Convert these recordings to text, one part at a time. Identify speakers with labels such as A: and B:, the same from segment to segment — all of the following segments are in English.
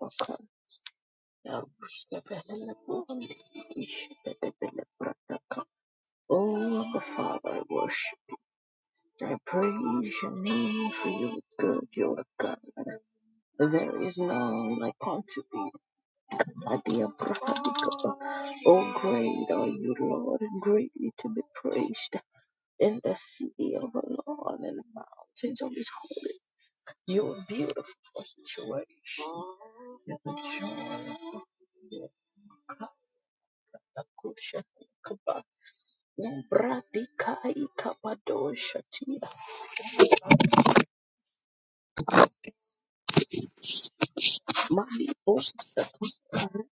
A: Oh, the Father, I worship. I praise your name for you are good, you are God. There is none like unto thee. Adiabrahadikaba. Oh, great are you, Lord, and greatly to be praised in the city of the Lord and the mountains of his holy. You are beautiful for situation. You're the joy of the Lord. Kusha kaba bradi kai kaba dosha tia mali bosa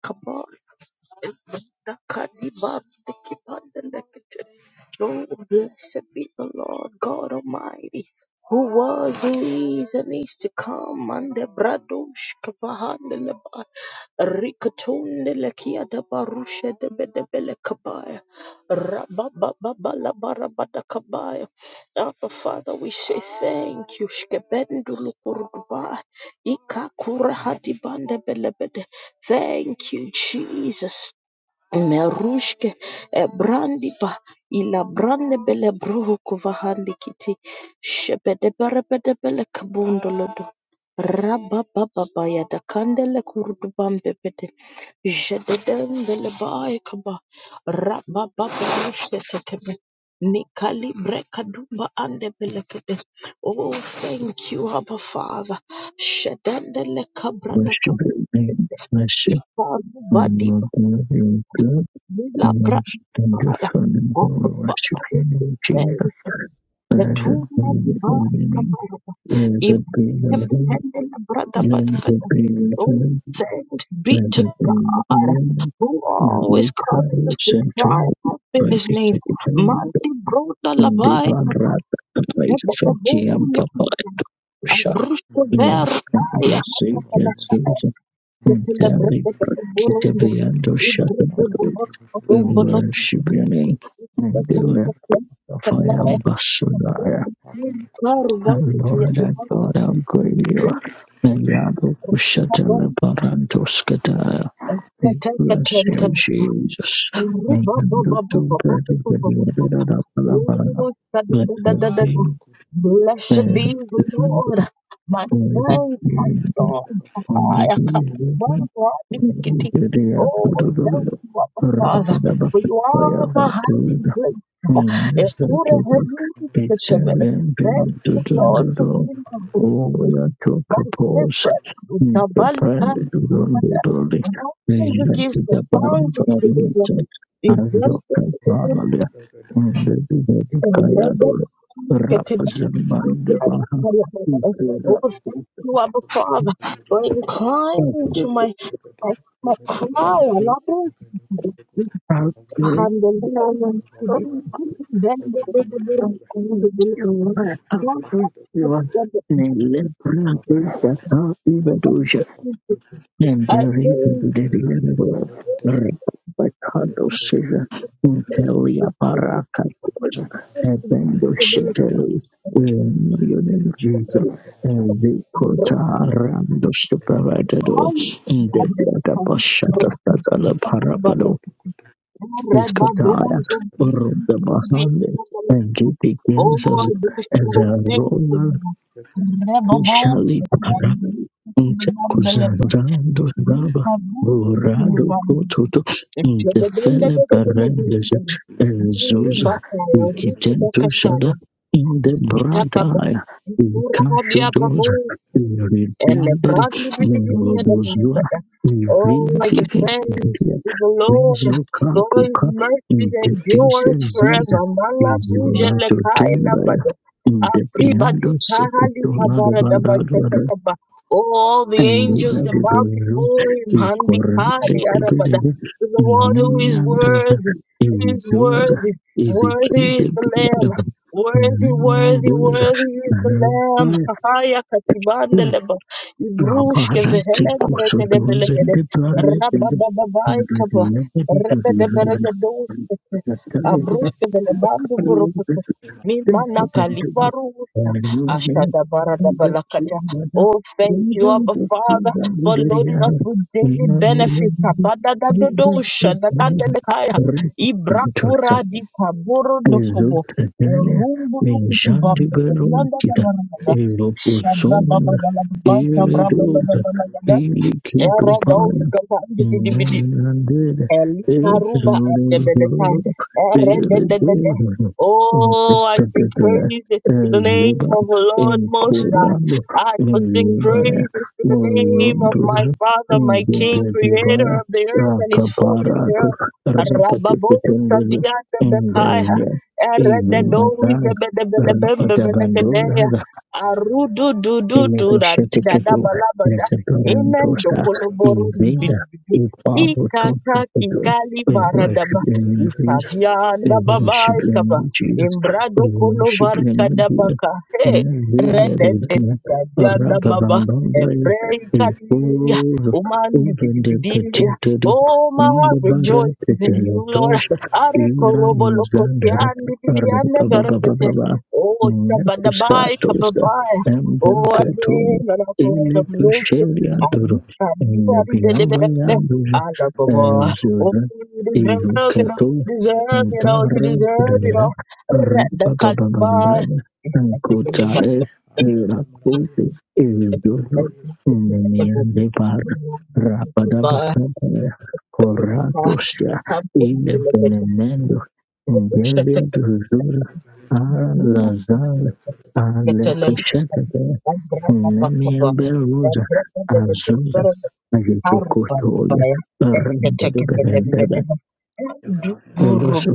A: kaba da kadi ba de kipanda lekete. Oh, blessed be the Lord God Almighty, who was, who is, and is to come. And the bradosh kavahanda Rikatunde lekia da barusha de bedebele kabaya. Rabababala barabada kabaya. Abba Father, we say thank you. Shkebendulu kurudubai. Ikakura hadibande belebede. Thank you, Jesus. Merushke e brandi pa ila brande bele bruhu kuvahandi kiti shepede bere bede bele kabundo lodo rabba baba baya da kandele kurudu bambe bede jededen bele baya kaba rabba baba rushke tekebe nikali breka dumba ande bele kede oh thank you abba father shedendele kabra
B: worship
A: da kaba
B: your name, worship
A: Ika
B: my
A: badi
B: Lord, you're good, how much and your son, and
A: Oh,
B: we
A: Father,
B: worship your name, Jesus.
A: the
B: Blessed
A: two
B: be your holy
A: divine
B: name,
A: Kabaraba,
B: blessed be your holy
A: Ibrahim brother, but
B: name, blessed be your holy
A: oh,
B: name,
A: thanks be to
B: blessed be your
A: God,
B: holy name.
A: who
B: And
A: always
B: later
A: causes
B: you
A: us to
B: sent to
A: cry out
B: by
A: in His
B: the
A: name.
B: second
A: Manti broda
B: and the
A: labai
B: bad rat, by the
A: kabakaba
B: fatty and
A: babuni
B: papa, shut,
A: abrusto
B: long, and you'll
A: vertaya
B: see
A: the tepela the
B: Dari
A: baburunda
B: Prakitavayando
A: ibrudu
B: Shatabado
A: baburunda
B: we worship your name and the Lord of fire
A: baburunda
B: Basudaya.
A: Blessed
B: Our Lord and God how great you are and Yadu Shatala Parantoskataya. We bless you, Jesus. And the two brothers of the Lord, Let her be prayer.
A: be the Lord, my
B: Let it
A: friend, my
B: be
A: soul. I come, my life, Oh, thank you, Abba Father, for you are my hiding place. Ekura heri sekeber. Thank you, Lord, for being My favorite. We the band camp The one who gives the songs of religion is blessed even and read getting the
B: Rapazamanda Baha, Ikara,
A: Oh, thank you, Abba Father, for inclining to
B: Pasco,
A: my, my, my cry. Alabra,
B: proudly.
A: handle
B: Lord,
A: it.
B: oh,
A: then the the
B: how great
A: the the
B: you are, how
A: Lord.
B: great
A: I
B: you are. Nelebrandusha, Ibadusha,
A: pray
B: Nandiribu, Rapakadosha, Intelia
A: that
B: Parakakosa,
A: the
B: Ebendosheteli, William Jesus, Vikota Randus Pravadado,
A: Lord Oh,
B: Debiata
A: I
B: Bashata Satala Iskataya, Urubda Basande, and Giti Kansas,
A: bless your holy name,
B: and
A: Father. Rebabos,
B: Ishali para inte kuzando
A: Bambelebe,
B: raba
A: Kabur,
B: borado
A: Silvan,
B: kototo inte fele perendeze
A: Jababandabababababababa,
B: ezuza
A: Rubaka,
B: ikijentu shada
A: Rubakatara,
B: inde
A: Itakaba,
B: bradaya
A: Ikurabia Babo,
B: ikashudoza
A: and the
B: iridendero
A: broad liberty of the Lord.
B: merobozua
A: Oh, I give
B: ivinvive
A: thanks
B: idia
A: to the Lord, for his
B: mezokakuka
A: mercies
B: inte tise
A: endures
B: ziza
A: forever. Mala buja
B: izorato tumba
A: lekai
B: in the piano secretarial barabara
A: Arribadikahalikabaradabashatakaba. Oh, all the
B: and
A: angels
B: the
A: that bow
B: debozo
A: before him,
B: the corrente
A: Handikadiarabada.
B: debede
A: to the
B: in
A: one who is
B: Yemiandruza
A: worthy, who is
B: Evizuza
A: worthy, worthy
B: Ezekide
A: is the Lamb,
B: Gadaba in
A: worthy, worthy,
B: Yemiandruza
A: worthy is the Lamb.
B: Narabaya
A: Hayakatibandeleba,
B: Rabara Sikoso Doze
A: Ibrushkevehelembregedebelegede,
B: de Barabede
A: Rababababaikaba,
B: and
A: Rebedeberegedoshkete,
B: the
A: Abrushkevelebanduburukute.
B: Yemiandruza Thank
A: Mimana Kalibaru Ashada Barada Balakata. Oh, thank you, Abba Father, for loading us with daily benefits. Abada da do do shada dandele Ibrakura
B: you.
A: di kaboro do kobo.
B: Risultatele
A: Rumbu no kutubamba da dianda da
B: menjandibelocita
A: barada. Shabra baba
B: eroposonda
A: da la baba, shabra baba da la
B: eredota
A: baba da. Era da
B: ilikitopaya
A: uskaba
B: inanenandela
A: Elikaruba
B: ezorororo
A: adebeleka, eredededede.
B: eredororo
A: Oh, I sing
B: intesetetela
A: praises to the name
B: ezeba
A: of the Lord Most High.
B: enkodando
A: I will sing
B: ezebaya
A: praises to the name of my
B: mozondoro
A: Father, my King, Creator
B: ezebredivaya
A: of the earth and His fullness
B: rakaparato
A: thereof. Rababosa
B: rapatetetendelo
A: diadebekaya,
B: Ivindaga
A: erededozebedebelebembebelekedea,
B: rapadabanduraga
A: arududududu,
B: imebeshetekedu
A: radidadabalabada. Amen.
B: neseperantosa ivinda
A: Dokoloboru. Ikaka
B: ipabototokedu.
A: kikali
B: We worship
A: baradaba.
B: you in
A: Ikabianda
B: we
A: baba
B: worship your
A: ikaba.
B: name, Jesus.
A: Imbrado
B: We
A: kolo
B: worship your
A: varika
B: name, dear.
A: dabaka. Hey,
B: Hallelujah,
A: rede
B: Lord.
A: de ikabianda baba.
B: Arababambambaya.
A: Ebrei kalia.
B: Ikoro.
A: Umandi bidibidi.
B: Ugendeketitiri.
A: Oh, my heart rejoices in you, Lord.
B: Ndebareketeletosha.
A: Arikorobo
B: Iranizandere.
A: lokotiandi biliande barakete.
B: Arabababababa.
A: Oh, shabadabai
B: Nekusatosa.
A: kababai. Oh,
B: Embenketono.
A: again, and I go, I'm lost.
B: Ilekusheryandoro.
A: I'm
B: Nebiyambayandoro.
A: I love them more. Oh, you deserve it all.
B: Ezora.
A: You deserve it all. You deserve it all. Rat The Kalibai.
B: Azusa, Ajitokotoya, Rambedebedebe, Peluso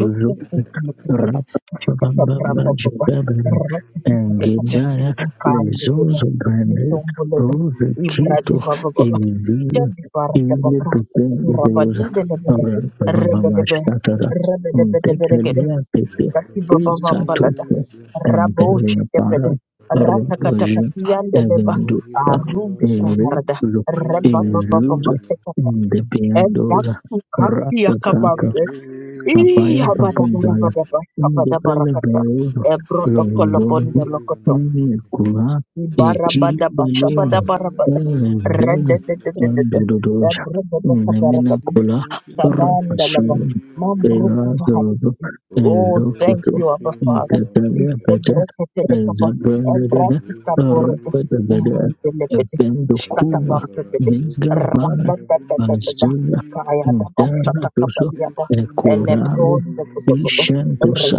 B: Rapapamba
A: Brando Baba,
B: Jagabra and
A: Rekatikacha,
B: Gigaya Lezozo Brande Rose Kito Evi Ile Pepe Deus Rapapamba Shatara Untekelia Pepe Isatusa Empelia Para Rodoji Evenduka Evi Look Ezuza Debiandoza Ratatata
A: Ee,
B: Kapaya Papumdala,
A: habadabadabadaba,
B: Indepele
A: habadabarakata,
B: Bereva, Lozonzo,
A: ebrotokolobondolokoto,
B: Only Kura, Ekil
A: ibarabadaba,
B: Beleva,
A: shabadabarabada,
B: Erezdele, and
A: rededededede,
B: Dododoja, Nemina
A: ebrodobakabarakata.
B: Kula,
A: Kabanda laba.
B: Rapasol,
A: Mabruku
B: Perazo,
A: vahabibi. Oh, thank
B: Ezokuto,
A: you, Abba Father.
B: Intetalia Peta,
A: Ishebreketelekaba.
B: Ezabrandada,
A: Ebratikaborgo.
B: Rapatabeda,
A: Uruntelebede.
B: Efendo Kuva,
A: Shkatabambebede.
B: Vizgavana,
A: Radadadadadada.
B: Panasila,
A: Kayadaba.
B: Intana
A: Shatakabaliaba.
B: e corale
A: Elebrondebedebedo.
B: ishendusa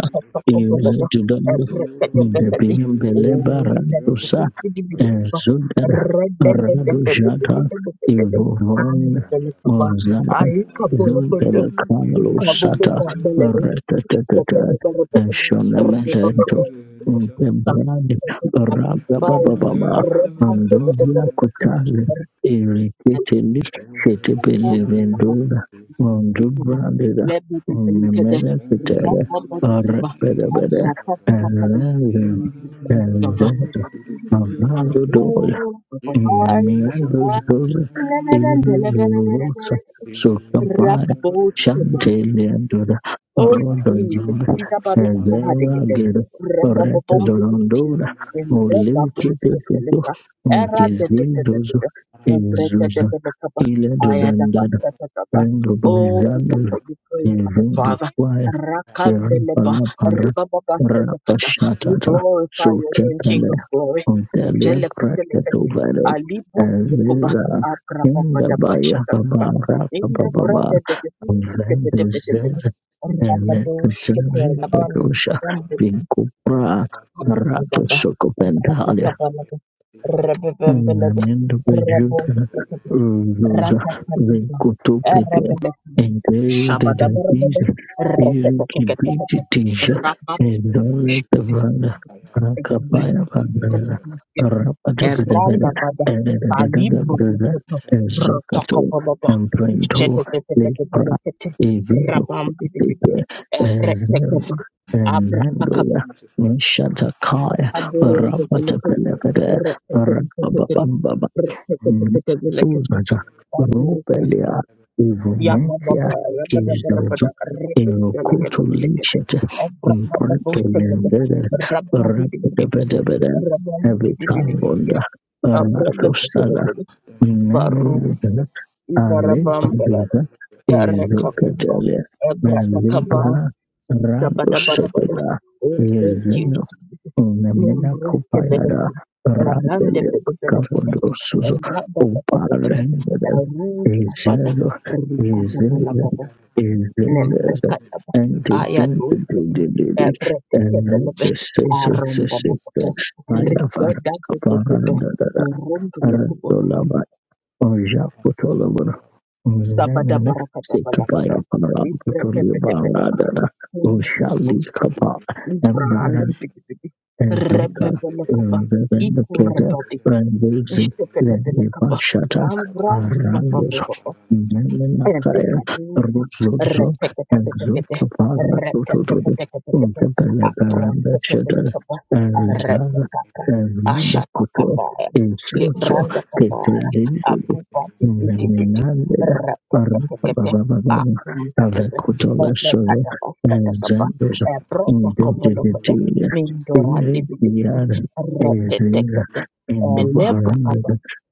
B: ira dudando
A: Ebrekedebekede.
B: ndebiyembele
A: Oh, thank you, Abba
B: barandusa Zundada
A: Father.
B: Rado Jata
A: And
B: Ivovon
A: the
B: Mozaya
A: Ai kabolo kodo
B: Zundada Kamalo
A: kabobo
B: Sata
A: kambele ne kopete
B: Retatata and
A: kopete rto
B: Shonamento
A: kopete tam
B: Untebrad
A: tam bai
B: Ragababa
A: rehan kopete
B: Andozia
A: kopete
B: Kutale Irritated
A: ko
B: Shetipili Vendula
A: kopete
B: Undubrandida
A: lebe kopete kede
B: Nemeda Pitera
A: rabo rabo kuba
B: Arapedabeda
A: abra tatu kopete
B: and Razan
A: kava
B: and Mamando
A: pardo
B: Doya,
A: kopai
B: Namiando
A: kopai
B: Zoya,
A: lele
B: Ili
A: lele lele
B: Verosa,
A: lele
B: Sotapaya,
A: rabo
B: Shanteliandora,
A: Oh
B: Rodo
A: Jesus,
B: Zoya,
A: Pita Baruku
B: Evera
A: Bahadegede,
B: Gero,
A: Renda
B: Reta
A: Bobombi,
B: Dorondora,
A: and Renda
B: Oliki Pesito,
A: Busta, Era de
B: Gizindozo,
A: Petetabeta, and Breta de
B: Ezuza,
A: Benacaba,
B: Ile
A: Ayadaba
B: Dodandana,
A: Satataba.
B: Rendo
A: Oh, therefore
B: Bayandolo,
A: you praise our
B: Evindo
A: Father. Rakandeleba,
B: Kirapalapara
A: Ribababa Satatata. We
B: Rapashatata
A: glorify your name, King
B: Sukepele
A: of Glory.
B: Ontelia
A: Jelekatelekate,
B: Praketuvere
A: Alibu de Kuba,
B: Elvira
A: Abrapa Badaba
B: Indabaya
A: Shatakaba.
B: Baba Rapa
A: In the bread
B: Baba
A: that the
B: Vendezed
A: Rabam,
B: Electricity Kosha Pinkupra Rato Sokopenda Eliminando prejuízo, usa recupera entrega de pizza, periquite, tija, redonda, tavana, racapaya, vandana, rapadabadabada, edadadadadabada, ezocato, emprento, lepra, evido, quatite,
A: Abra
B: Hallelujah. Nishatakai
A: Aburrante velekete,
B: Rapatapelekade
A: reketekete,
B: Rapabamba
A: reketekete velekete,
B: Suzaza
A: abur,
B: Rupelia Ivonetia
A: yabababa, yabadabarabada,
B: Kizozo
A: repete
B: Irokoto
A: lekete lekete,
B: Lichet Mpato
A: abrabababostebede,
B: Lendede
A: rababidibidibidi,
B: Rapatapetapede
A: rababidibidibidi,
B: Evitabonda Rato Sada
A: abrababababede,
B: Mm.
A: barusha, ibarabambalada,
B: Alephaduza
A: zarekakumba,
B: izokatalia
A: ebratakaba,
B: mazimpora
A: shabadabarabada.
B: radosetela
A: Oh, thank you.
B: yezeno unamena kupayada
A: Nembroskebeleka,
B: randelio
A: arandebedebeleka.
B: kafondosuzo
A: Rebecca,
B: uparenveden izelo izele izelezo antidintididididi enepesesesesese payavara kaparandadada Oja potolobora. Nenene. Sekabaya paran potolibara dada. Oshali kapa. Ezoka inazopendekeza rangizi ya vipashata
A: Ambra di papa
B: arandos
A: papa
B: nene na
A: and
B: kaya
A: the
B: ruzuzu exopapara tutututu ungepeneperambeshata erizara ezmendo kuto isoso
A: Libranda kabaya,
B: ketelindili
A: abu papi piti piti,
B: neminandida
A: repetetekete,
B: arupababababa
A: akumda bebe,
B: avekutolesoro
A: lekada pasata kaba,
B: ezendos
A: broto kobolo kobe, mindorandi bidi bidi,
B: Yara Ezra
A: repetekete,
B: and Varanda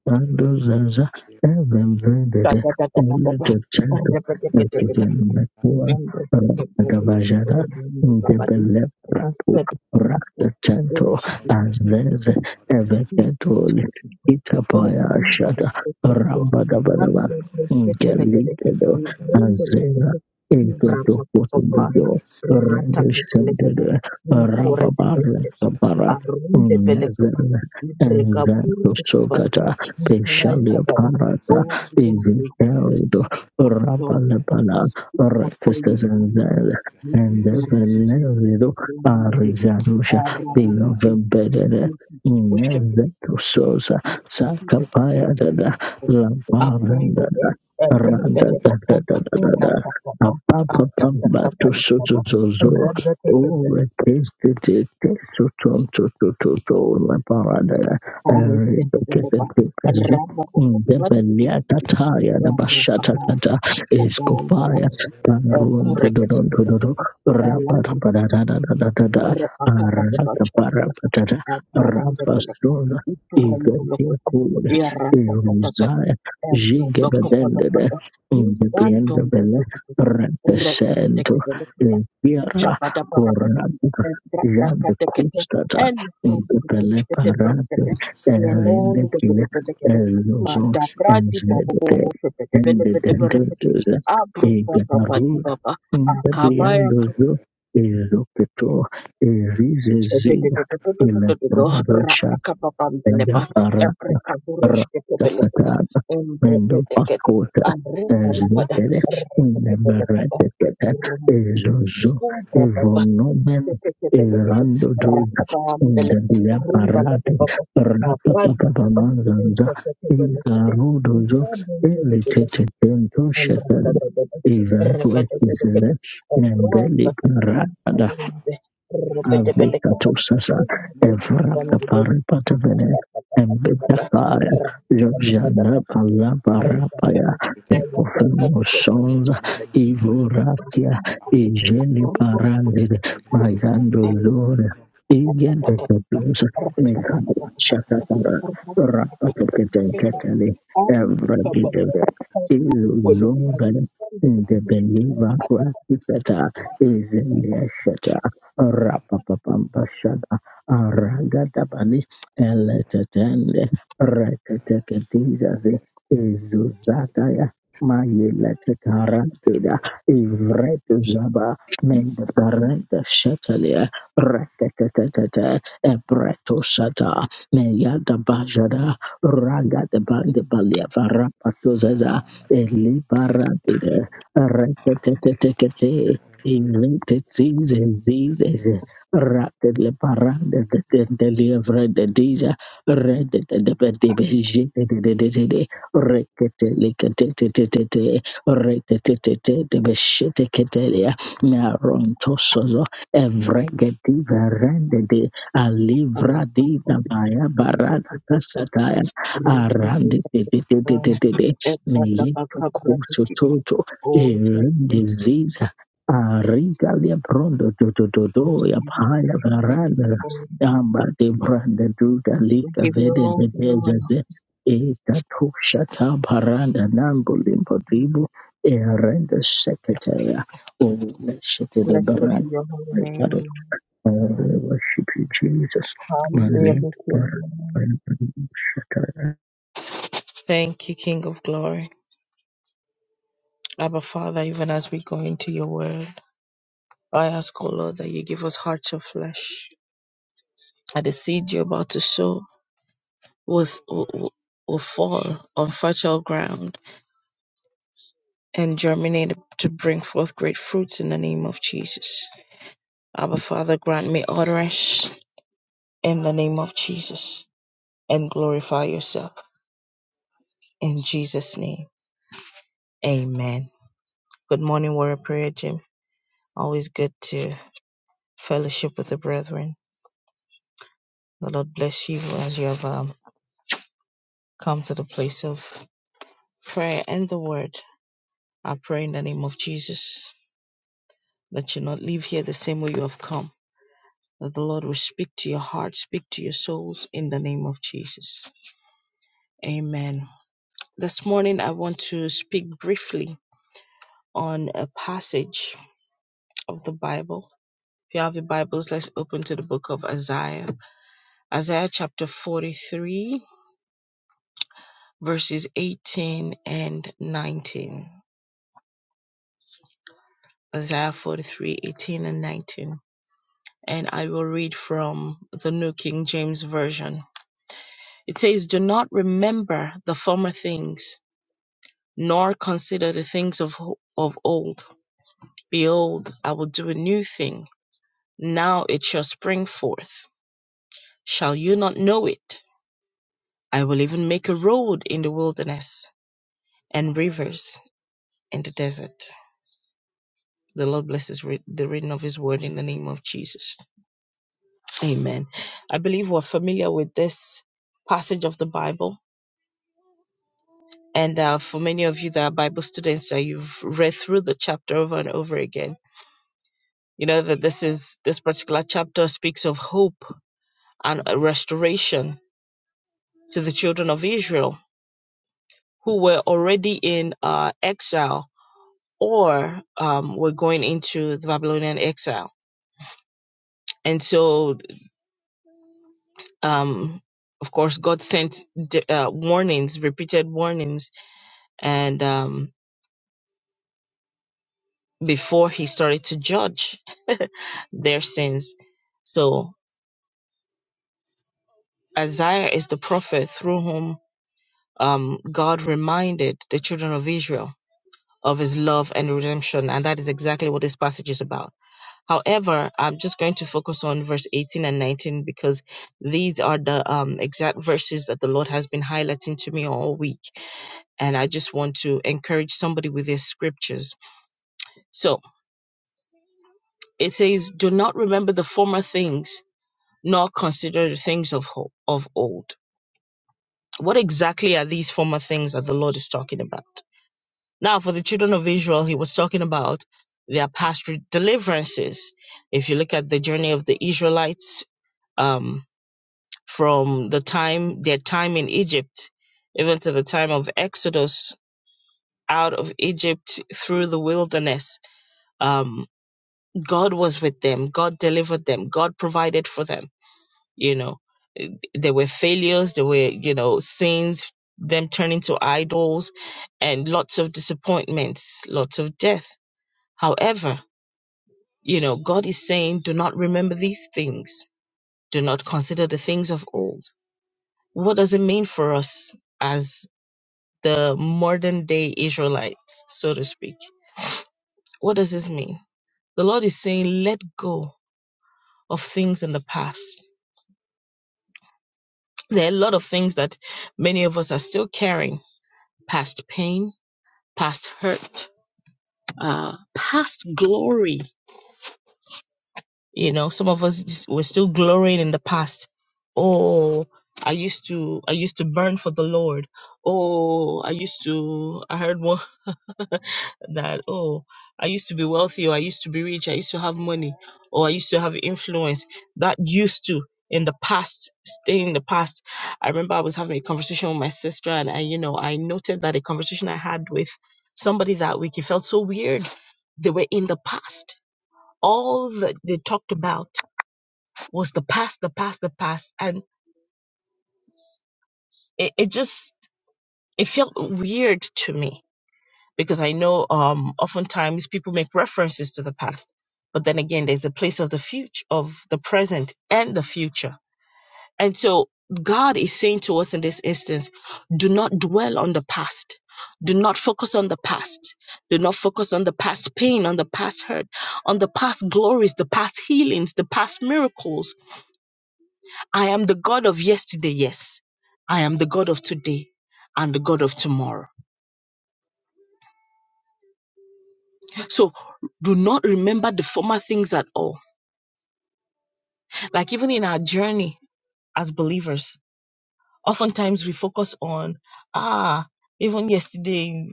B: Bandozaza Evandada Electratu Ekizan Bakua Rakadabajara Indebele Pratu Raktatanto Azvez Evekatoli Itapaya Shata Rambadabadaba Ingelikedo Azera Ezedo Kotendido Rendish Centered Rababar Kabara Nezel and
A: Ibreka
B: Zanto
A: burdo kubati,
B: Sogata
A: mkai
B: Peshalia
A: kabada,
B: Parata
A: o
B: Ezekieldo
A: well,
B: Rabalabala
A: we for you,
B: Rekestes and
A: we
B: Zel
A: thank you
B: and
A: for the success.
B: Veledo
A: It's the one that we do.
B: Arizarusha
A: Uh, Rabba, Rabba, and we
B: Beloved
A: thank
B: Bedede
A: you for shepherd.
B: Inezetusosa
A: We thank you for the
B: Sakapaya Dada
A: shepherd. Uh, thank you for,
B: Lavarandada
A: uh, bring the
B: Randa
A: love of
B: Dada
A: God.
B: Dada
A: Oh,
B: Dada
A: Rabba, Rabba, uh,
B: Apapa
A: Rabba, Rabba,
B: Pamba to
A: Rabba.
B: Sotozo,
A: Rabba, Rabba, Rabba.
B: Jigabendere
A: Uh, respect the love of God. Rabba, Rabba, or a capapa, a Rabba. What is the difference? Uh, Rabba, Rabba, Rabba, Rabba. Uh, correct the love of God. Abra baba
B: in the end of the represent the Corrada, ya de custata, into pele parate, erende pia, elozo, enzete, ende dendetuze, egaru,
A: baba
B: inte
A: akabaya
B: piandozo, ezopeto,
A: Rumba
B: erizezega, Rajapara Rakatakata and Paskota Ezokere Neberetekete Ezozo Evonomen Erando Dud and Diaparate Rapapapamanzanza Igarudozo Elitete Tento Shetel Eva Rekisizet Nembeli
A: kabumbe rebedebelekebe
B: Avikatusasa,
A: kumbekukubambulebukatatatata
B: Evrakaparipatavene, and Bibakar, Jojana
A: rakekekekekeke
B: Palaparapaya, Ecofamusons,
A: elekekekekekekekekekekeke
B: Ivuratia, igeni avekatusasa evrakaparipatevene embedakare lobjanabalarapaya ekofemosonza ivoratia ijeliparandele
A: rubombarikedibelekatata
B: mayandolore igedekedusa mekaashatatara
A: rakekekekekekekeke
B: rapatoketenketele
A: amikaba
B: evrebideve tilulozale
A: kakukubolokarakukambe
B: ndebelivaruatisata izeliashata Rapapapapashada Aragadabani Eletetende Reketeketizazi Izuzataya Mayeletekarantida Ivretuzaba Mendekarente Shetalia Reketetetete Ebretosata Meyadabajada Ragadabande Baliavarapatuzeza Elibarantida Reketetetekete Invented season, season, rapid le parade de de de livre de déjà red de de de de beige de de de de de de, rekete le kete te te te te rete te te te de beshete ketelia na ronto sozo evre geti verende de a livra di da baya barada
A: rabakakarekukolekekekeke
B: kasata arande te
A: rekekekekeke
B: te te te te te de me yeto kusu
A: ebradabakabradekibi
B: toto
A: Oh, thank you.
B: e Ariga le brondo do do do do
A: Oh, we
B: ya
A: give you
B: paya
A: praise, we give you
B: varanda
A: praise,
B: yamba de branda do da
A: we
B: lika
A: give you
B: vede de
A: all the honor.
B: bezeze e da to shata baranda nango limpo dibu e renda secretary o le shete de
A: Blessed be
B: baranda
A: your holy
B: my God
A: name.
B: I worship you Jesus my
A: Hallelujah be
B: lind
A: to your holy name.
B: baranda
A: Thank you, King of glory. Abba Father, even as we go into your word, I ask, O Lord, that you give us hearts of flesh. That the seed you're about to sow was, will, will fall on fertile ground and germinate to bring forth great fruits in the name of Jesus. Abba Father, grant me utterance in the name of Jesus and glorify yourself. In Jesus' name, amen. Good morning, Warrior Prayer Gym. Always good to fellowship with the brethren. The Lord bless you as you have um, come to the place of prayer and the word. I pray in the name of Jesus that you not leave here the same way you have come. That the Lord will speak to your heart, speak to your souls in the name of Jesus. Amen. This morning, I want to speak briefly on a passage of the Bible. If you have your Bibles, let's open to the book of Isaiah Isaiah chapter 43, verses 18 and 19. Isaiah forty-three eighteen and 19. And I will read from the New King James Version. It says, Do not remember the former things, nor consider the things of, of old. Behold, I will do a new thing. Now it shall spring forth. Shall you not know it? I will even make a road in the wilderness and rivers in the desert. The Lord blesses re- the reading of His word in the name of Jesus. Amen. I believe we're familiar with this passage of the Bible. And uh, for many of you that are Bible students, that you've read through the chapter over and over again. You know that this is this particular chapter speaks of hope and a restoration to the children of Israel who were already in uh, exile or um, were going into the Babylonian exile. And so um, of course, God sent d- uh, warnings, repeated warnings, and um, before he started to judge their sins. So Isaiah is the prophet through whom um, God reminded the children of Israel of his love and redemption, and that is exactly what this passage is about. However, I'm just going to focus on verse 18 and 19 because these are the um, exact verses that the Lord has been highlighting to me all week. and I just want to encourage somebody with these scriptures. So it says, Do not remember the former things, nor consider the things of, ho- of old. What exactly are these former things that the Lord is talking about? Now, for the children of Israel, he was talking about their past re- deliverances. If you look at the journey of the Israelites um, from the time, their time in Egypt, even to the time of Exodus out of Egypt through the wilderness, um, God was with them. God delivered them. God provided for them. You know, Eh, there were failures, there were, you know, sins, them turning to idols, and lots of disappointments, lots of death. However, you know, God is saying, do not remember these things. Do not consider the things of old. What does it mean for us as the modern day Israelites, so to speak? What does this mean? The Lord is saying, let go of things in the past There are a lot of things that many of us are still carrying past pain, past hurt, uh, past glory. You know, some of us just- we're still glorying in the past. Oh, I used to, I used to burn for the Lord. Oh, I used to, I heard one. that oh i used to be wealthy or i used to be rich i used to have money or i used to have influence that used to in the past stay in the past i remember i was having a conversation with my sister and I, you know i noted that a conversation i had with somebody that week it felt so weird they were in the past all that they talked about was the past the past the past and it, it just it felt weird to me because I know um, oftentimes people make references to the past, but then again, there's a place of the future, of the present and the future. And so God is saying to us in this instance, do not dwell on the past. Do not focus on the past. Do not focus on the past pain, on the past hurt, on the past glories, the past healings, the past miracles. I am the God of yesterday, yes. I am the God of today and the God of tomorrow. So do not remember the former things at all Like even in our journey as believers, oftentimes we focus on, ah, even yesterday,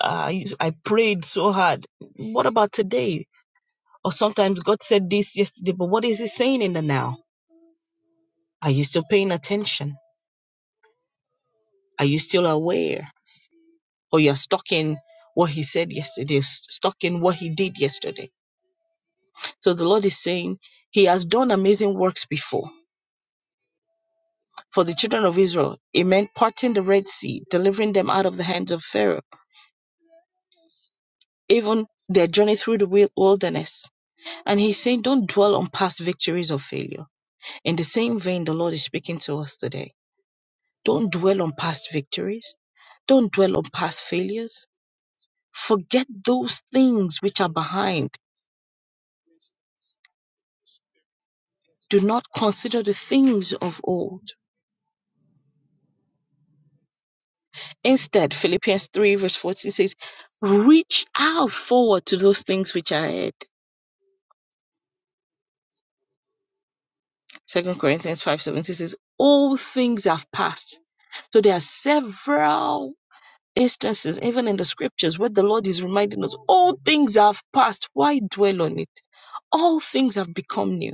A: uh, I prayed so hard. What about today? Or sometimes God said this yesterday, but what is He saying in the now? Are you still paying attention? Are you still aware? Or you're stuck in what He said yesterday, stuck in what He did yesterday? So the Lord is saying, He has done amazing works before. For the children of Israel, it meant parting the Red Sea, delivering them out of the hands of Pharaoh even their journey through the wilderness. And he's saying, don't dwell on past victories or failure. In the same vein, the Lord is speaking to us today. Don't dwell on past victories. Don't dwell on past failures. Forget those things which are behind. Do not consider the things of old. Instead, Philippians 3 verse 14 says, reach out forward to those things which are ahead. Second Corinthians 5:17 says, all things have passed. So there are several instances, even in the scriptures, where the Lord is reminding us, all things have passed. Why dwell on it? All things have become new.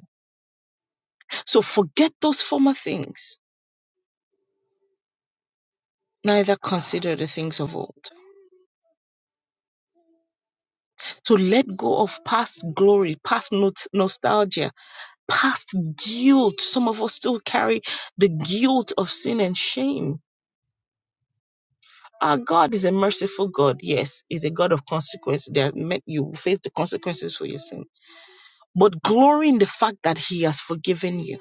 A: So forget those former things. Neither consider the things of old. To let go of past glory, past not- nostalgia, past guilt. Some of us still carry the guilt of sin and shame. Our God is a merciful God. Yes, He's a God of consequences. There are men- you will face the consequences for your sin. But glory in the fact that He has forgiven you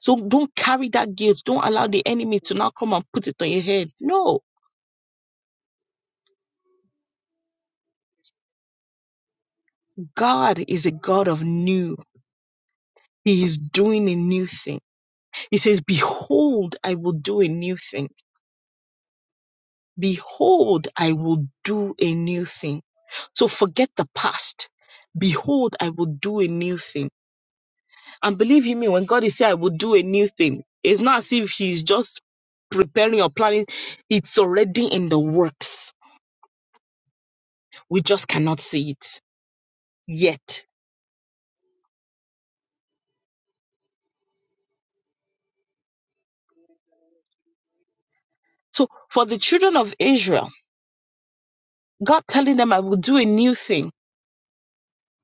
A: So don't carry that guilt. Don't allow the enemy to now come and put it on your head. No, God is a God of new. He is doing a new thing. He says, Behold, I will do a new thing. Behold, I will do a new thing. So forget the past. Behold, I will do a new thing. And believe you me, when God is saying, I will do a new thing, it's not as if He's just preparing or planning. It's already in the works. We just cannot see it yet So for the children of Israel, God telling them, I will do a new thing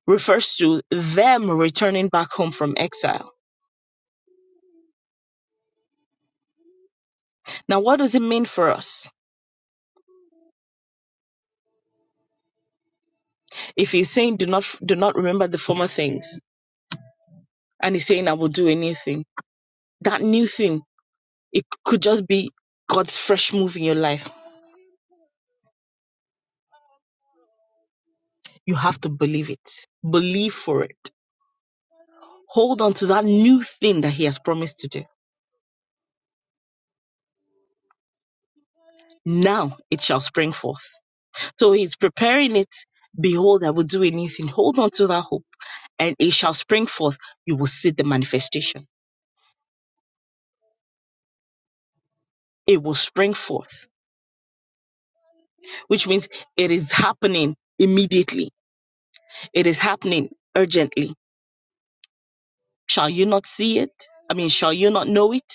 A: refers to them returning back home from exile. Now, what does it mean for us? If he's saying, do not, do not remember the former things and he's saying, I will do a new thing, that new thing, it could just be God's fresh move in your life. You have to believe it. Believe for it. Hold on to that new thing that he has promised to do. Now it shall spring forth. So he's preparing it. Behold, I will do a new thing. Hold on to that hope and it shall spring forth. You will see the manifestation. It will spring forth, which means it is happening immediately. It is happening urgently. Shall you not see it? I mean, shall you not know it?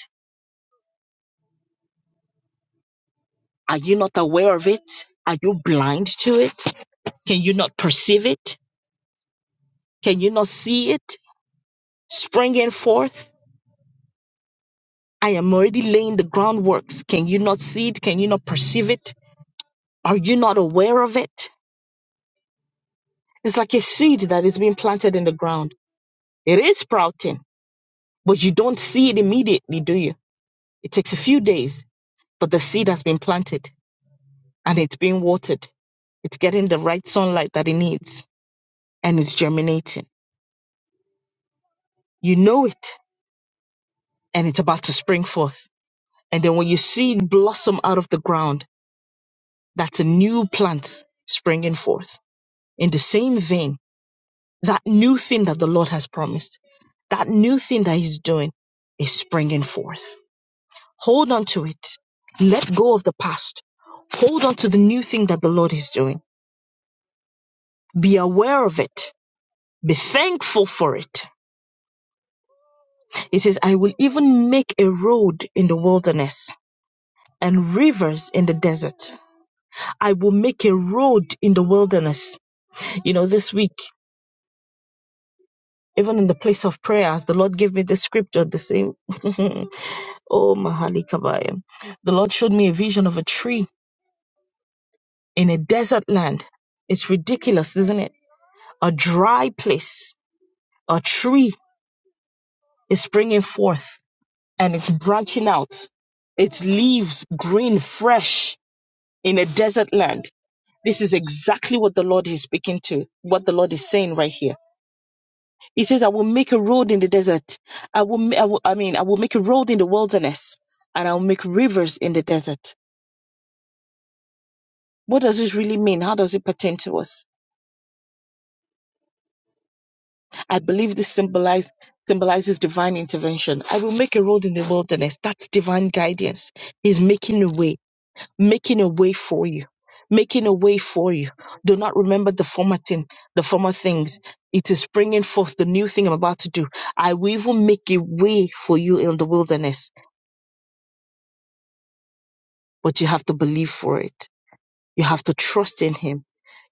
A: Are you not aware of it? Are you blind to it? Can you not perceive it? Can you not see it springing forth? I am already laying the groundworks. Can you not see it? Can you not perceive it? Are you not aware of it? It's like a seed that is being planted in the ground It is sprouting, but you don't see it immediately, do you? It takes a few days, but the seed has been planted and it's being watered. It's getting the right sunlight that it needs and it's germinating. You know it and it's about to spring forth. And then when you see it blossom out of the ground, that's a new plant springing forth. In the same vein, that new thing that the Lord has promised, that new thing that He's doing is springing forth. Hold on to it. Let go of the past. Hold on to the new thing that the Lord is doing. Be aware of it. Be thankful for it. It says, I will even make a road in the wilderness and rivers in the desert. I will make a road in the wilderness. You know, this week, even in the place of prayers, the Lord gave me the scripture, the same. oh, Mahali Kabaya. The Lord showed me a vision of a tree in a desert land. It's ridiculous, isn't it? a dry place, a tree is springing forth and it's branching out, its leaves green, fresh in a desert land. This is exactly what the Lord is speaking to, what the Lord is saying right here. He says, I will make a road in the desert. I will, I will, I mean, I will make a road in the wilderness and I'll make rivers in the desert. What does this really mean? How does it pertain to us? I believe this symbolize, symbolizes divine intervention. I will make a road in the wilderness. That's divine guidance. He's making a way, making a way for you, making a way for you. Do not remember the former thing, the former things. It is bringing forth the new thing I'm about to do. I will even make a way for you in the wilderness, but you have to believe for it. You have to trust in Him.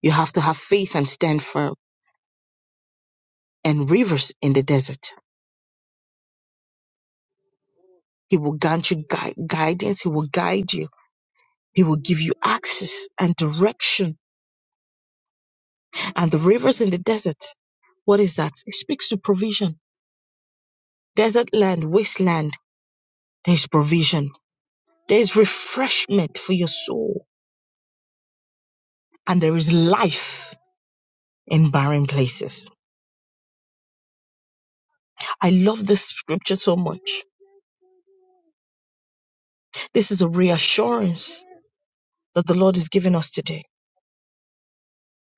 A: You have to have faith and stand firm. And rivers in the desert. He will grant you gui- guidance. He will guide you He will give you access and direction and the rivers in the desert. What is that? It speaks to provision. Desert land, wasteland, there is provision. There is refreshment for your soul. And there is life in barren places. I love this scripture so much. This is a reassurance that the Lord is giving us today.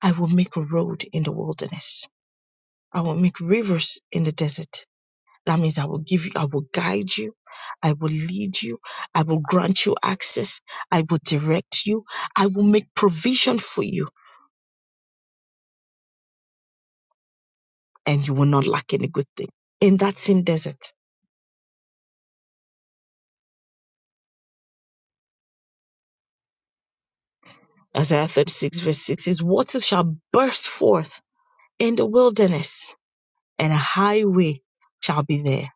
A: I will make a road in the wilderness. I will make rivers in the desert. That means I will give you, I will guide you, I will lead you, I will grant you access, I will direct you, I will make provision for you, and you will not lack any good thing. In that same desert, Isaiah 36, verse 6 says, Waters shall burst forth in the wilderness, and a highway shall be there.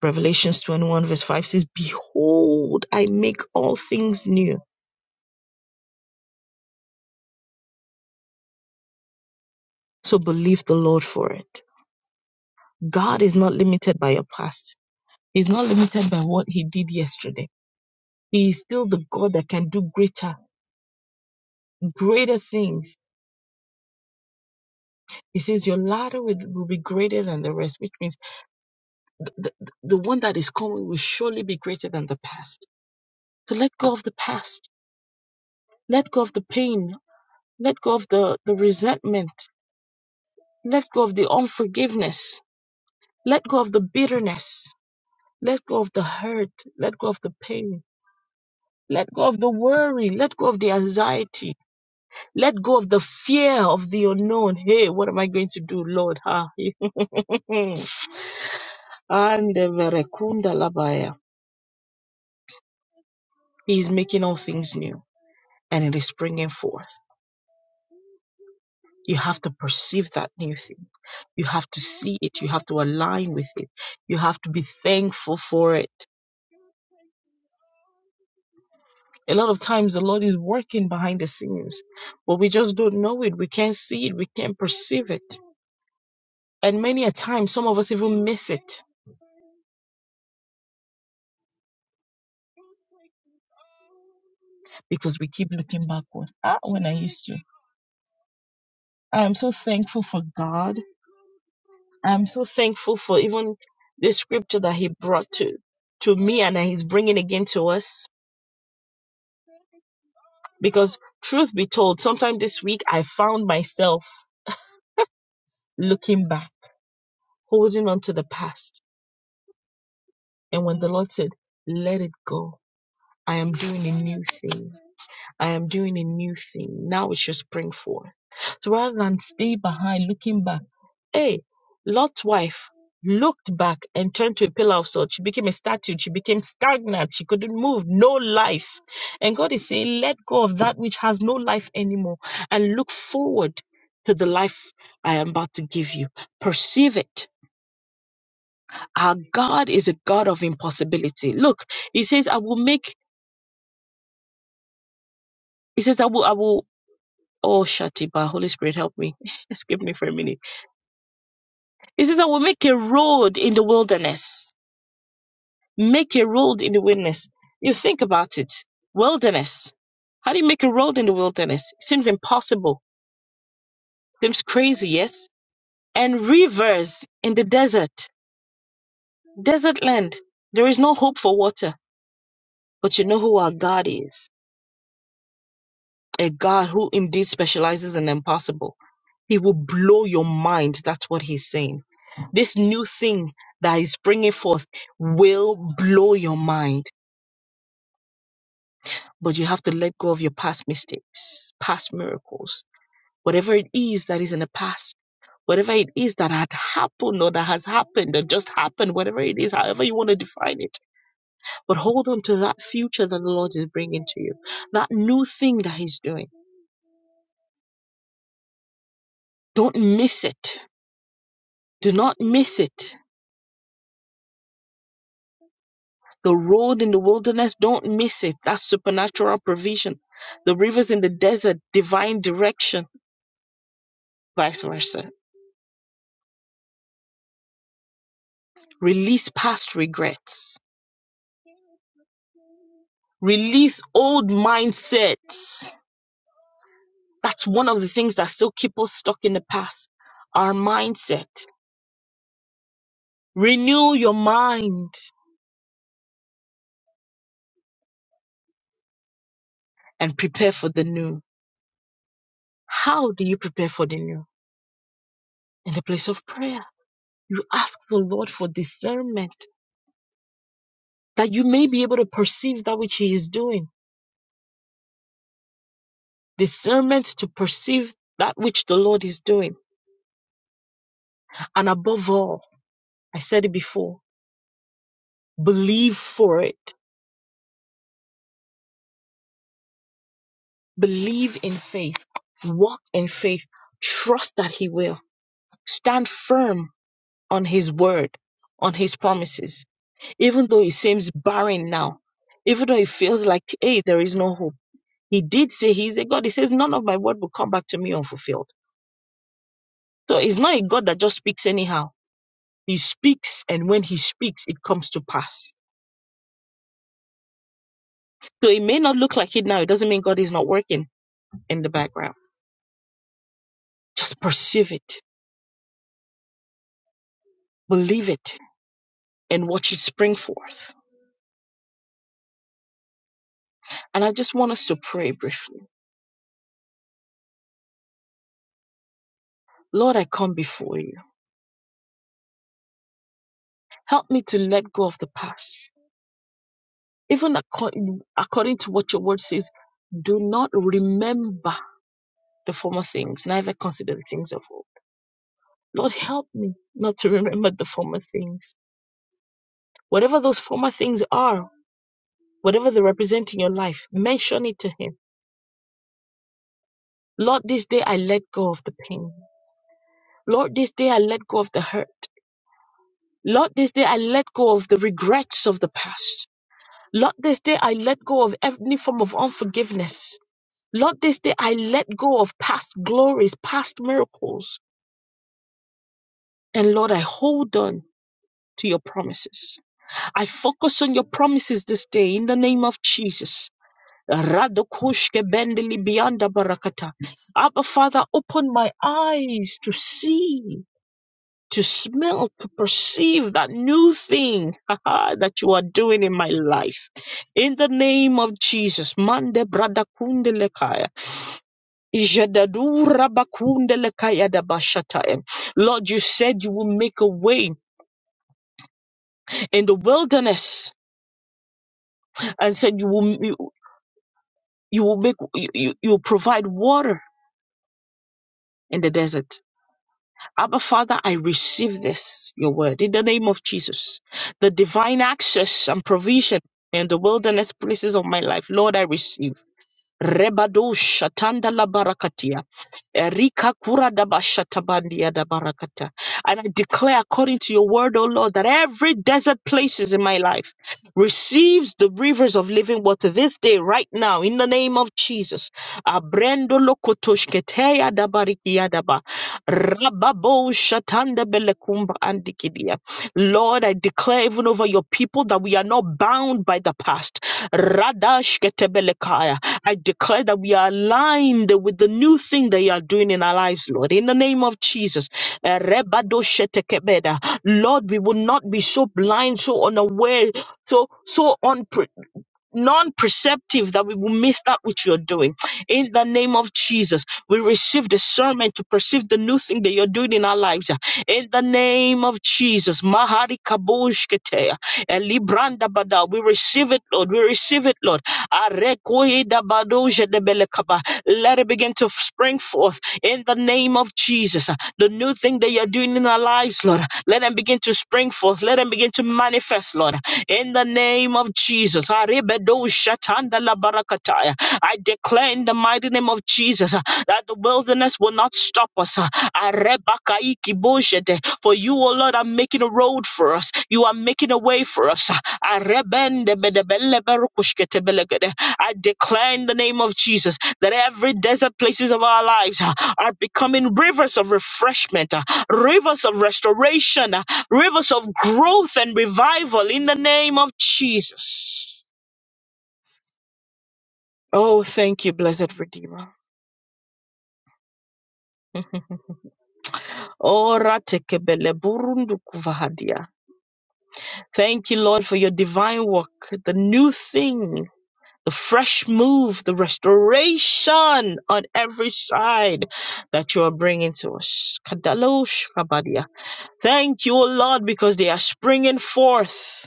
A: Revelations 21, verse 5 says, Behold, I make all things new. So believe the Lord for it. God is not limited by your past. He's not limited by what he did yesterday. He is still the God that can do greater, greater things. He says, Your ladder will, will be greater than the rest, which means the, the, the one that is coming will surely be greater than the past. So let go of the past. Let go of the pain. Let go of the, the resentment. Let go of the unforgiveness. Let go of the bitterness. Let go of the hurt. Let go of the pain. Let go of the worry. Let go of the anxiety Let go of the fear of the unknown. Hey, what am I going to do, Lord? Ha. And the verekunda labaya. He is making all things new and it is springing forth. You have to perceive that new thing. You have to see it. You have to align with it. You have to be thankful for it. A lot of times the Lord is working behind the scenes, but we just don't know it. We can't see it. We can't perceive it. And many a time, some of us even miss it because we keep looking backward. Ah, when I used to. I'm so thankful for God. I'm so thankful for even the scripture that He brought to to me and that He's bringing again to us. Because truth be told, sometime this week I found myself looking back, holding on to the past. And when the Lord said, "Let it go," I am doing a new thing. I am doing a new thing. Now it should spring forth. So rather than stay behind looking back, hey, Lot's wife looked back and turned to a pillar of salt. She became a statue. She became stagnant. She couldn't move. No life. And God is saying, let go of that which has no life anymore and look forward to the life I am about to give you. Perceive it. Our God is a God of impossibility. Look, He says, I will make, He says, I I will, I will. Oh, Shatiba, Holy Spirit, help me. Escape me for a minute. He says, I will make a road in the wilderness. Make a road in the wilderness. You think about it. Wilderness. How do you make a road in the wilderness? Seems impossible. Seems crazy, yes? And rivers in the desert. Desert land. There is no hope for water. But you know who our God is. a God who indeed specializes in the impossible. He will blow your mind. That's what he's saying. This new thing that is bringing forth will blow your mind, but you have to let go of your past mistakes, past miracles, whatever it is that is in the past, whatever it is that had happened or that has happened or just happened, whatever it is, however you want to define it. But hold on to that future that the Lord is bringing to you, that new thing that he's doing. Don't miss it Do not miss it. The road in the wilderness, don't miss it. That's supernatural provision. The rivers in the desert, divine direction, vice versa. Release past regrets. Release old mindsets. That's one of the things that still keep us stuck in the past. Our mindset. Renew your mind and prepare for the new. How do you prepare for the new? In the place of prayer. You ask the Lord for discernment that you may be able to perceive that which He is doing, discernment to perceive that which the Lord is doing. And above all, I said it before, believe for it, believe in faith, walk in faith, trust that He will, stand firm on His word, on His promises, even though it seems barren now, even though it feels like, hey, there is no hope. He did say, He's a God. He says, none of my word will come back to me unfulfilled. So He's not a God that just speaks anyhow He speaks, and when he speaks, it comes to pass. So it may not look like it now. It doesn't mean God is not working in the background. Just perceive it, believe it, and watch it spring forth. And I just want us to pray briefly. Lord, I come before you. Help me to let go of the past. Even according, according to what your word says, do not remember the former things, neither consider the things of old. Lord, help me not to remember the former things. Whatever those former things are, whatever they represent in your life, mention it to Him. Lord, this day I let go of the pain. Lord, this day I let go of the hurt. Lord, this day I let go of the regrets of the past. Lord, this day I let go of any form of unforgiveness. Lord, this day I let go of past glories, past miracles. And Lord, I hold on to your promises. I focus on your promises this day in the name of Jesus. Radokushke bendeli beyanda barakata. Abba Father, open my eyes to see, to smell, to perceive that new thing that you are doing in my life. In the name of Jesus, Mande Bradakunde Lekaya. Ijadadu Rabakunde Lekaya Dabashataya. Lord, you said you will make a way in the wilderness and said you will you, you will make you, you you will provide water in the desert. Abba Father, I receive this, your word, in the name of Jesus. The divine access and provision in the wilderness places of my life, Lord, I receive. Rebadusha shatanda la barakatia. Erika kura da basha tabandia da barakata. And I declare according to your word, O Lord, that every desert places in my life receives the rivers of living water this day, right now, in the name of Jesus. Abrendo lokotoshketeya da barikia da ba. Rababo shatanda belekumba andikidia. Lord, I declare even over your people that we are not bound by the past. Radash ketebelekaya. I declare that we are aligned with the new thing that you are doing in our lives, Lord. In the name of Jesus. Eh, rebadoshetekebeda. Lord, we will not be so blind, so unaware, so so unprepared non-perceptive that we will miss that which you're doing in the name of jesus we receive discernment to perceive the new thing that you're doing in our lives in the name of jesus mahari kabushkete elibranda bada we receive it lord we receive it lord Arekoida badoje debelekaba. Let it begin to spring forth in the name of Jesus. The new thing that you're doing in our lives, Lord, let them begin to spring forth. Let them begin to manifest, Lord, in the name of Jesus. I declare in the mighty name of Jesus uh, that the wilderness will not stop us. uh, for you, O Lord, are making a road for us. You are making a way for us. I declare in the name of Jesus that every desert places of our lives are becoming rivers of refreshment, rivers of restoration, rivers of growth and revival in the name of Jesus. Oh, thank you, blessed Redeemer. Oh, ratekebele burundukuvahadia. Thank you, Lord, for your divine work, the new thing the fresh move, the restoration on every side that you are bringing to us. Kadalosh kabadia. Thank you, O Lord, because they are springing forth.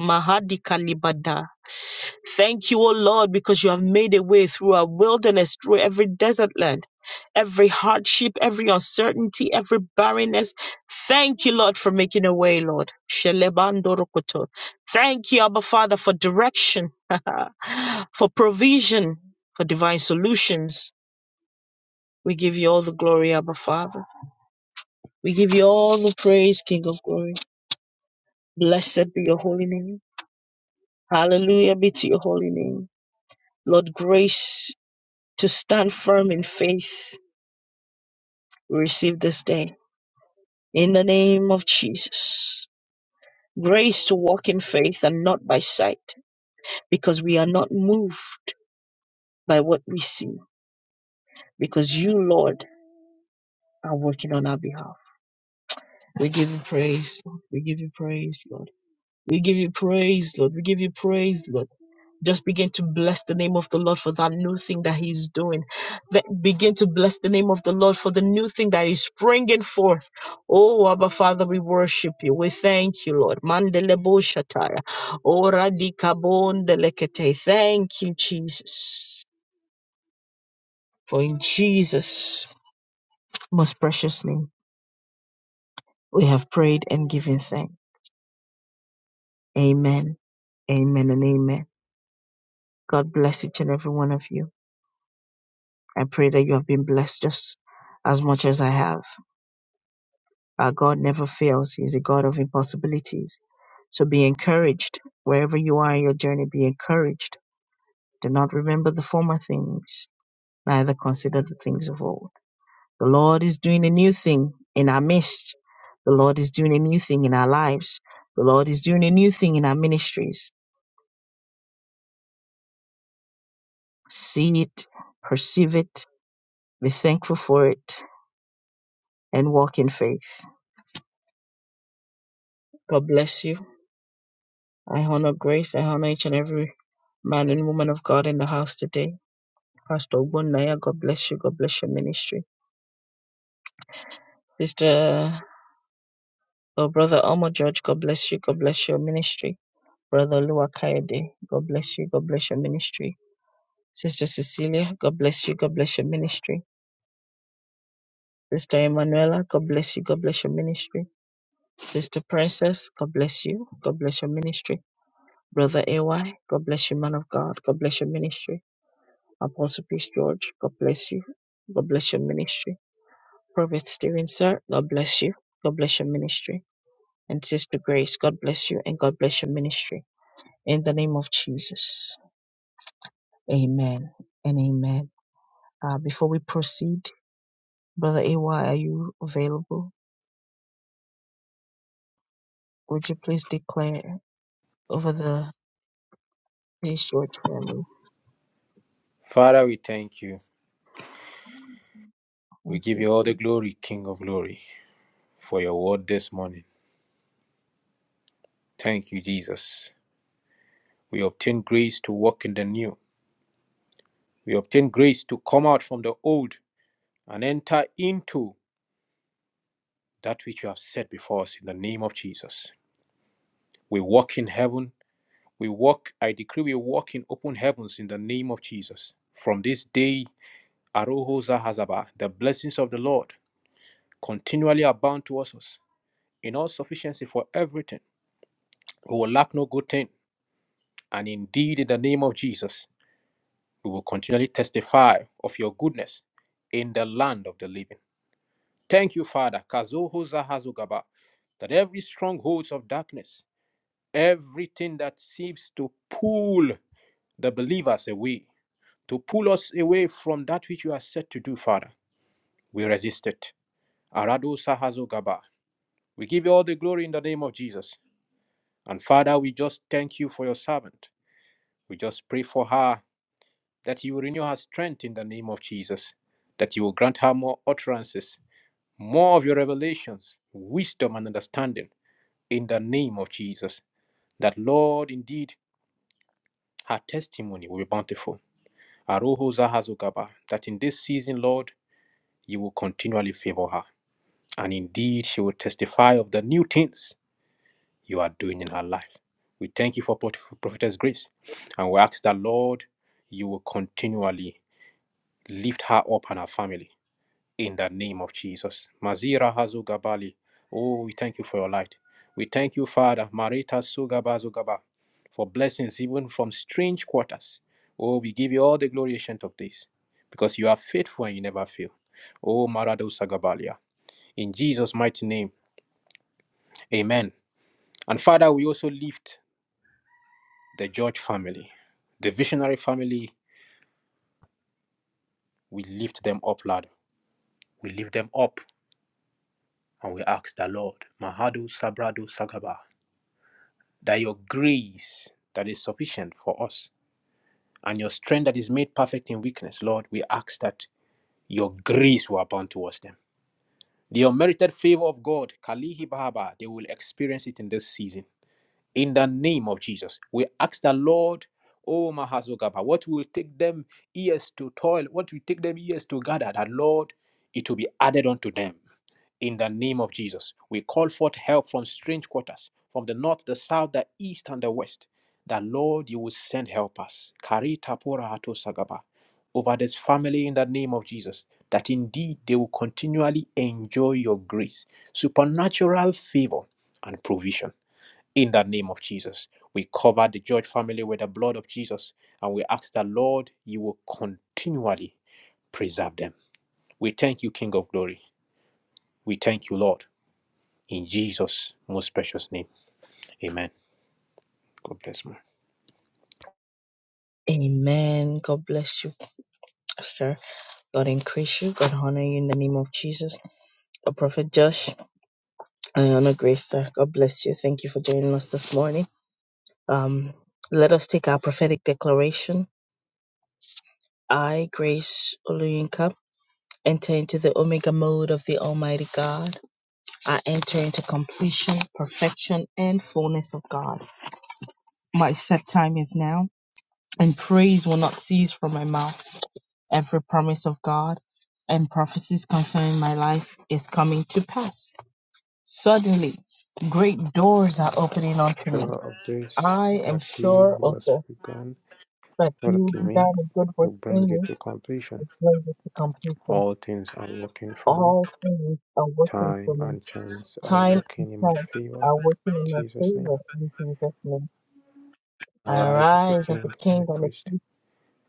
A: Mahadi Kalibada. Thank you, O Lord, because you have made a way through our wilderness, through every desert land, every hardship, every uncertainty, every barrenness. Thank you, Lord, for making a way, Lord. Shelebandorokoto. Thank you, Abba Father, for direction, for provision, for divine solutions. We give you all the glory, Abba Father. We give you all the praise, King of glory. Blessed be your holy name. Hallelujah be to your holy name. Lord, grace to stand firm in faith, we receive this day. In the name of Jesus. Grace to walk in faith and not by sight, because we are not moved by what we see, because you, Lord, are working on our behalf. We give you praise, Lord. We give you praise, Lord. We give you praise, Lord. We give you praise, Lord. Just begin to bless the name of the Lord for that new thing that He is doing. Th- begin to bless the name of the Lord for the new thing that is springing forth. Oh, Abba Father, we worship you. We thank you, Lord. Mandelebo shataya. Ora di kabondelekete. Thank you, Jesus. For in Jesus' most precious name, we have prayed and given thanks. Amen. Amen and amen. God bless each and every one of you. I pray that you have been blessed just as much as I have. Our God never fails. He's a God of impossibilities. So be encouraged. Wherever you are in your journey, be encouraged. Do not remember the former things, neither consider the things of old. The Lord is doing a new thing in our midst. The Lord is doing a new thing in our lives. The Lord is doing a new thing in our ministries. See it, perceive it, be thankful for it, and walk in faith. God bless you. I honor grace. I honor each and every man and woman of God in the house today. Pastor Ogbonnaya, God bless you. God bless your ministry. Sister or Brother Omo George, God bless you. God bless your ministry. Brother Lua God bless you. God bless your ministry. Sister Cecilia, God bless you. God bless your ministry. Sister Emanuela, God bless you. God bless your ministry. Sister Princess, God bless you. God bless your ministry. Brother AY, God bless you, man of God. God bless your ministry. Apostle Peace George, God bless you. God bless your ministry. Prophet Stephen, sir, God bless you. God bless your ministry. and Sister Grace. God bless you and God bless your ministry. In the name of Jesus. Amen and amen. Uh, before we proceed, Brother AY, are you available? Would you please declare over the Grace George family?
C: Father, we thank you. We
A: Thank
C: give
A: you.
C: you all the glory, King of glory, for your word this morning. Thank you, Jesus. We obtain grace to walk in the new. We obtain grace to come out from the old and enter into that which you have set before us in the name of Jesus. We walk in heaven. We walk, I decree, we walk in open heavens in the name of Jesus. From this day, Aroho Zahazaba, the blessings of the Lord continually abound to us in all sufficiency for everything. We will lack no good thing And indeed, in the name of Jesus, we will continually testify of your goodness in the land of the living. Thank you, Father, Kazoho Zahazugaba, that every strongholds of darkness, everything that seems to pull the believers away, to pull us away from that which you are set to do, Father, we resist it. Arado Sahazugaba, we give you all the glory in the name of Jesus. And Father, we just thank you for your servant. We just pray for her that you will renew her strength in the name of Jesus, that you will grant her more utterances, more of your revelations, wisdom, and understanding in the name of Jesus. That, Lord, indeed, her testimony will be bountiful. Aroho Zahazugaba, that in this season, Lord, you will continually favor her. And indeed, she will testify of the new things you are doing in her life. We thank you for Prophetess Grace. And we ask that, Lord, you will continually lift her up and her family in the name of Jesus. Mazira Hazugabali. Oh, we thank you for your light. We thank you, Father, Marita Sugaba Zugaba, for blessings even from strange quarters. Oh, we give you all the glory ancient of this, because you are faithful and you never fail. Oh, Marado Sagabalia. In Jesus' mighty name, amen. And Father, we also lift the George family, the visionary family, we lift them up, Lord. We lift them up and we ask the Lord, Mahadu Sabrado Sagaba, that your grace that is sufficient for us and your strength that is made perfect in weakness, Lord, we ask that your grace will abound towards them. The unmerited favor of God, Kalihi Bahaba, they will experience it in this season. In the name of Jesus, we ask the Lord, O Mahazogaba, what will take them years to toil, what will take them years to gather, that Lord, it will be added unto them in the name of Jesus. We call forth help from strange quarters, from the north, the south, the east, and the west. That Lord, you will send help us. Kari tapora hato sagaba. Over this family in the name of Jesus, that indeed they will continually enjoy your grace, supernatural favor, and provision. In the name of Jesus, we cover the George family with the blood of Jesus, and we ask that Lord, you will continually preserve them. We thank you, King of Glory. We thank you, Lord. In Jesus' most precious name. Amen. God bless me.
A: Amen. God bless you, sir. God increase you. God honor you in the name of Jesus. a Prophet Josh, I honor grace, sir. God bless you. Thank you for joining us this morning. Um, let us take our prophetic declaration I, Grace Oluyinka, enter into the Omega mode of the Almighty God. I enter into completion, perfection, and fullness of God. My set time is now, and praise will not cease from my mouth. Every promise of God and prophecies concerning my life is coming to pass. Suddenly, great doors are opening unto me.
C: Sure of this,
A: I am
C: that he
A: sure
C: who has
A: also
C: begun
A: that you
C: working in me
A: began a good
C: will
A: work in
C: bring it
A: me
C: to completion.
A: is going to completion.
C: All things are working for me.
A: All things are working
C: Time
A: for me.
C: and chance are
A: Time and
C: working in my
A: chance
C: favor.
A: are working in my
C: In Jesus' name.
A: favor in Jesus' name. I
C: Arise as a
A: arise
C: king
A: as a
C: and a
A: king and a
C: priest.
A: priest.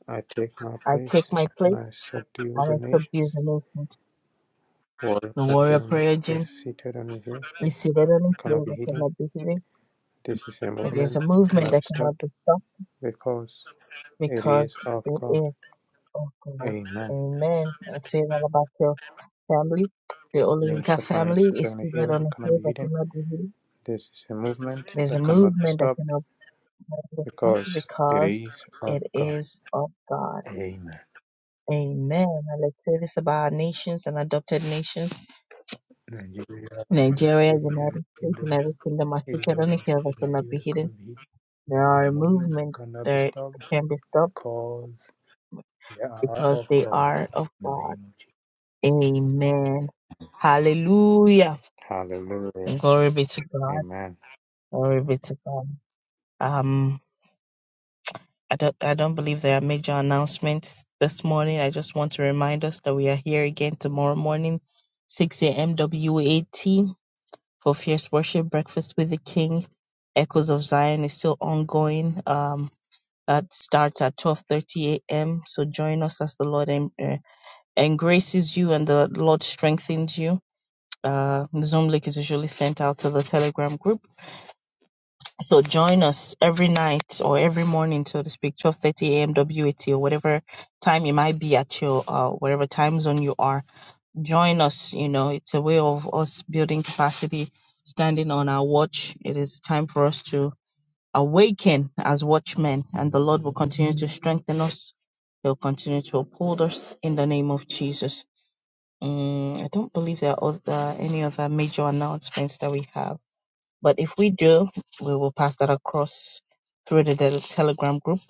C: I take my
A: I take
C: place
A: my
C: and
A: place
C: I subdue
A: and
C: the
A: I
C: nations.
A: subdue the nations.
C: For
A: The warrior
C: them
A: prayer
C: is
A: gym
C: seated on His hill.
A: is seated on
C: It
A: a
C: cannot
A: hill
C: be
A: that
C: hidden.
A: cannot be hidden.
C: This is a
A: It is a
C: movement that
A: movement
C: cannot be
A: that cannot
C: stopped
A: be stopped
C: because it
A: because
C: is of
A: it
C: God.
A: is of God.
C: Amen.
A: Amen. I'd say that about your family. The
C: Yes,
A: Olinka
C: the family
A: family
C: she's
A: is
C: going to
A: seated
C: and
A: on a
C: I cannot
A: hill
C: be
A: that cannot be hidden. There's a movement that cannot because it is of God. Amen. I declare this about our nations and adopted nations. Nigeria, United States, United Kingdom are seated on a hill that cannot be hidden. There are a movement that can be stopped because they are of God. Amen. Hallelujah. And glory be to God. Glory be to God. Um. I don't, I don't believe there are major announcements this morning. I just want to remind us that we are here again tomorrow morning, 6 a.m. WAT for Fierce Worship Breakfast with the King. Echoes of Zion is still ongoing. Um, that starts at 12:30 a.m. So join us as the Lord em- uh, engraces you and the Lord strengthens you. Uh, Zoom link is usually sent out to the Telegram group so join us every night or every morning, so to speak, 12:30 AMWAT or whatever time you might be at your uh, whatever time zone you are. Join us. You know, it's a way of us building capacity, standing on our watch. It is time for us to awaken as watchmen, and the Lord will continue to strengthen us. He'll continue to uphold us in the name of Jesus. Mm, I don't believe there are other, any other major announcements that we have. But if we do, we will pass that across through the tel- Telegram group.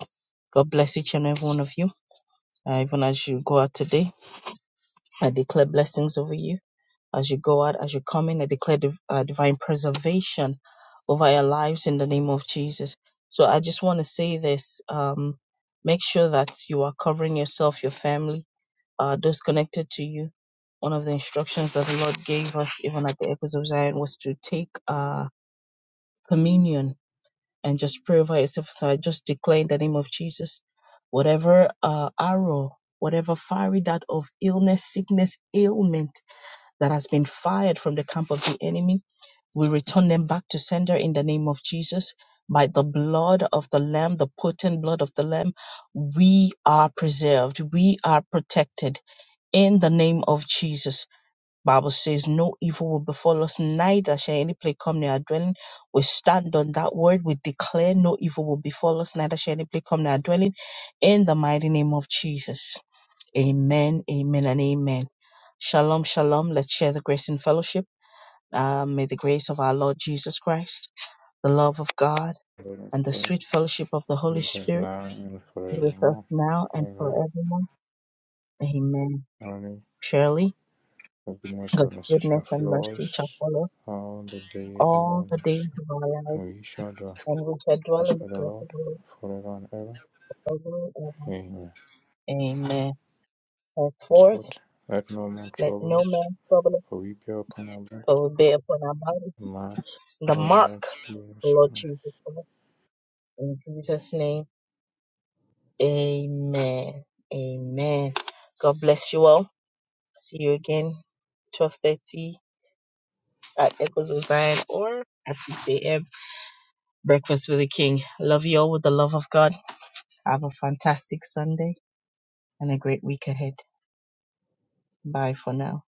A: God bless each and every one of you. Uh, even as you go out today, I declare blessings over you. As you go out, as you come in, I declare div- uh, divine preservation over your lives in the name of Jesus. So I just want to say this um, make sure that you are covering yourself, your family, uh, those connected to you. One of the instructions that the Lord gave us, even at the Echoes of Zion, was to take uh, communion and just pray over yourself. So I just declare in the name of Jesus, whatever uh, arrow, whatever fiery dart of illness, sickness, ailment that has been fired from the camp of the enemy, we return them back to sender in the name of Jesus. By the blood of the Lamb, the potent blood of the Lamb, we are preserved. We are protected in the name of Jesus. Bible says, No evil will befall us, neither shall any plague come near our dwelling. We stand on that word. We declare no evil will befall us, neither shall any plague come near our dwelling. In the mighty name of Jesus. Amen, amen, and amen. Shalom, shalom. Let's share the grace and fellowship. Uh, may the grace of our Lord Jesus Christ, the love of God, and the sweet fellowship of the Holy Spirit be with us now and forevermore. Amen. Surely, God's goodness and mercy shall follow us all the days of our life, and we shall dwell in the presence of the Lord forever and ever. Amen. Henceforth, let no man trouble us, but we bear upon our body the mark, of the Lord Jesus Christ. In Jesus' name, amen. Amen. God bless you all. See you again, 12.30 at Echoes of Zion or at 6 a.m. Breakfast with the King. Love you all with the love of God. Have a fantastic Sunday and a great week ahead. Bye for now.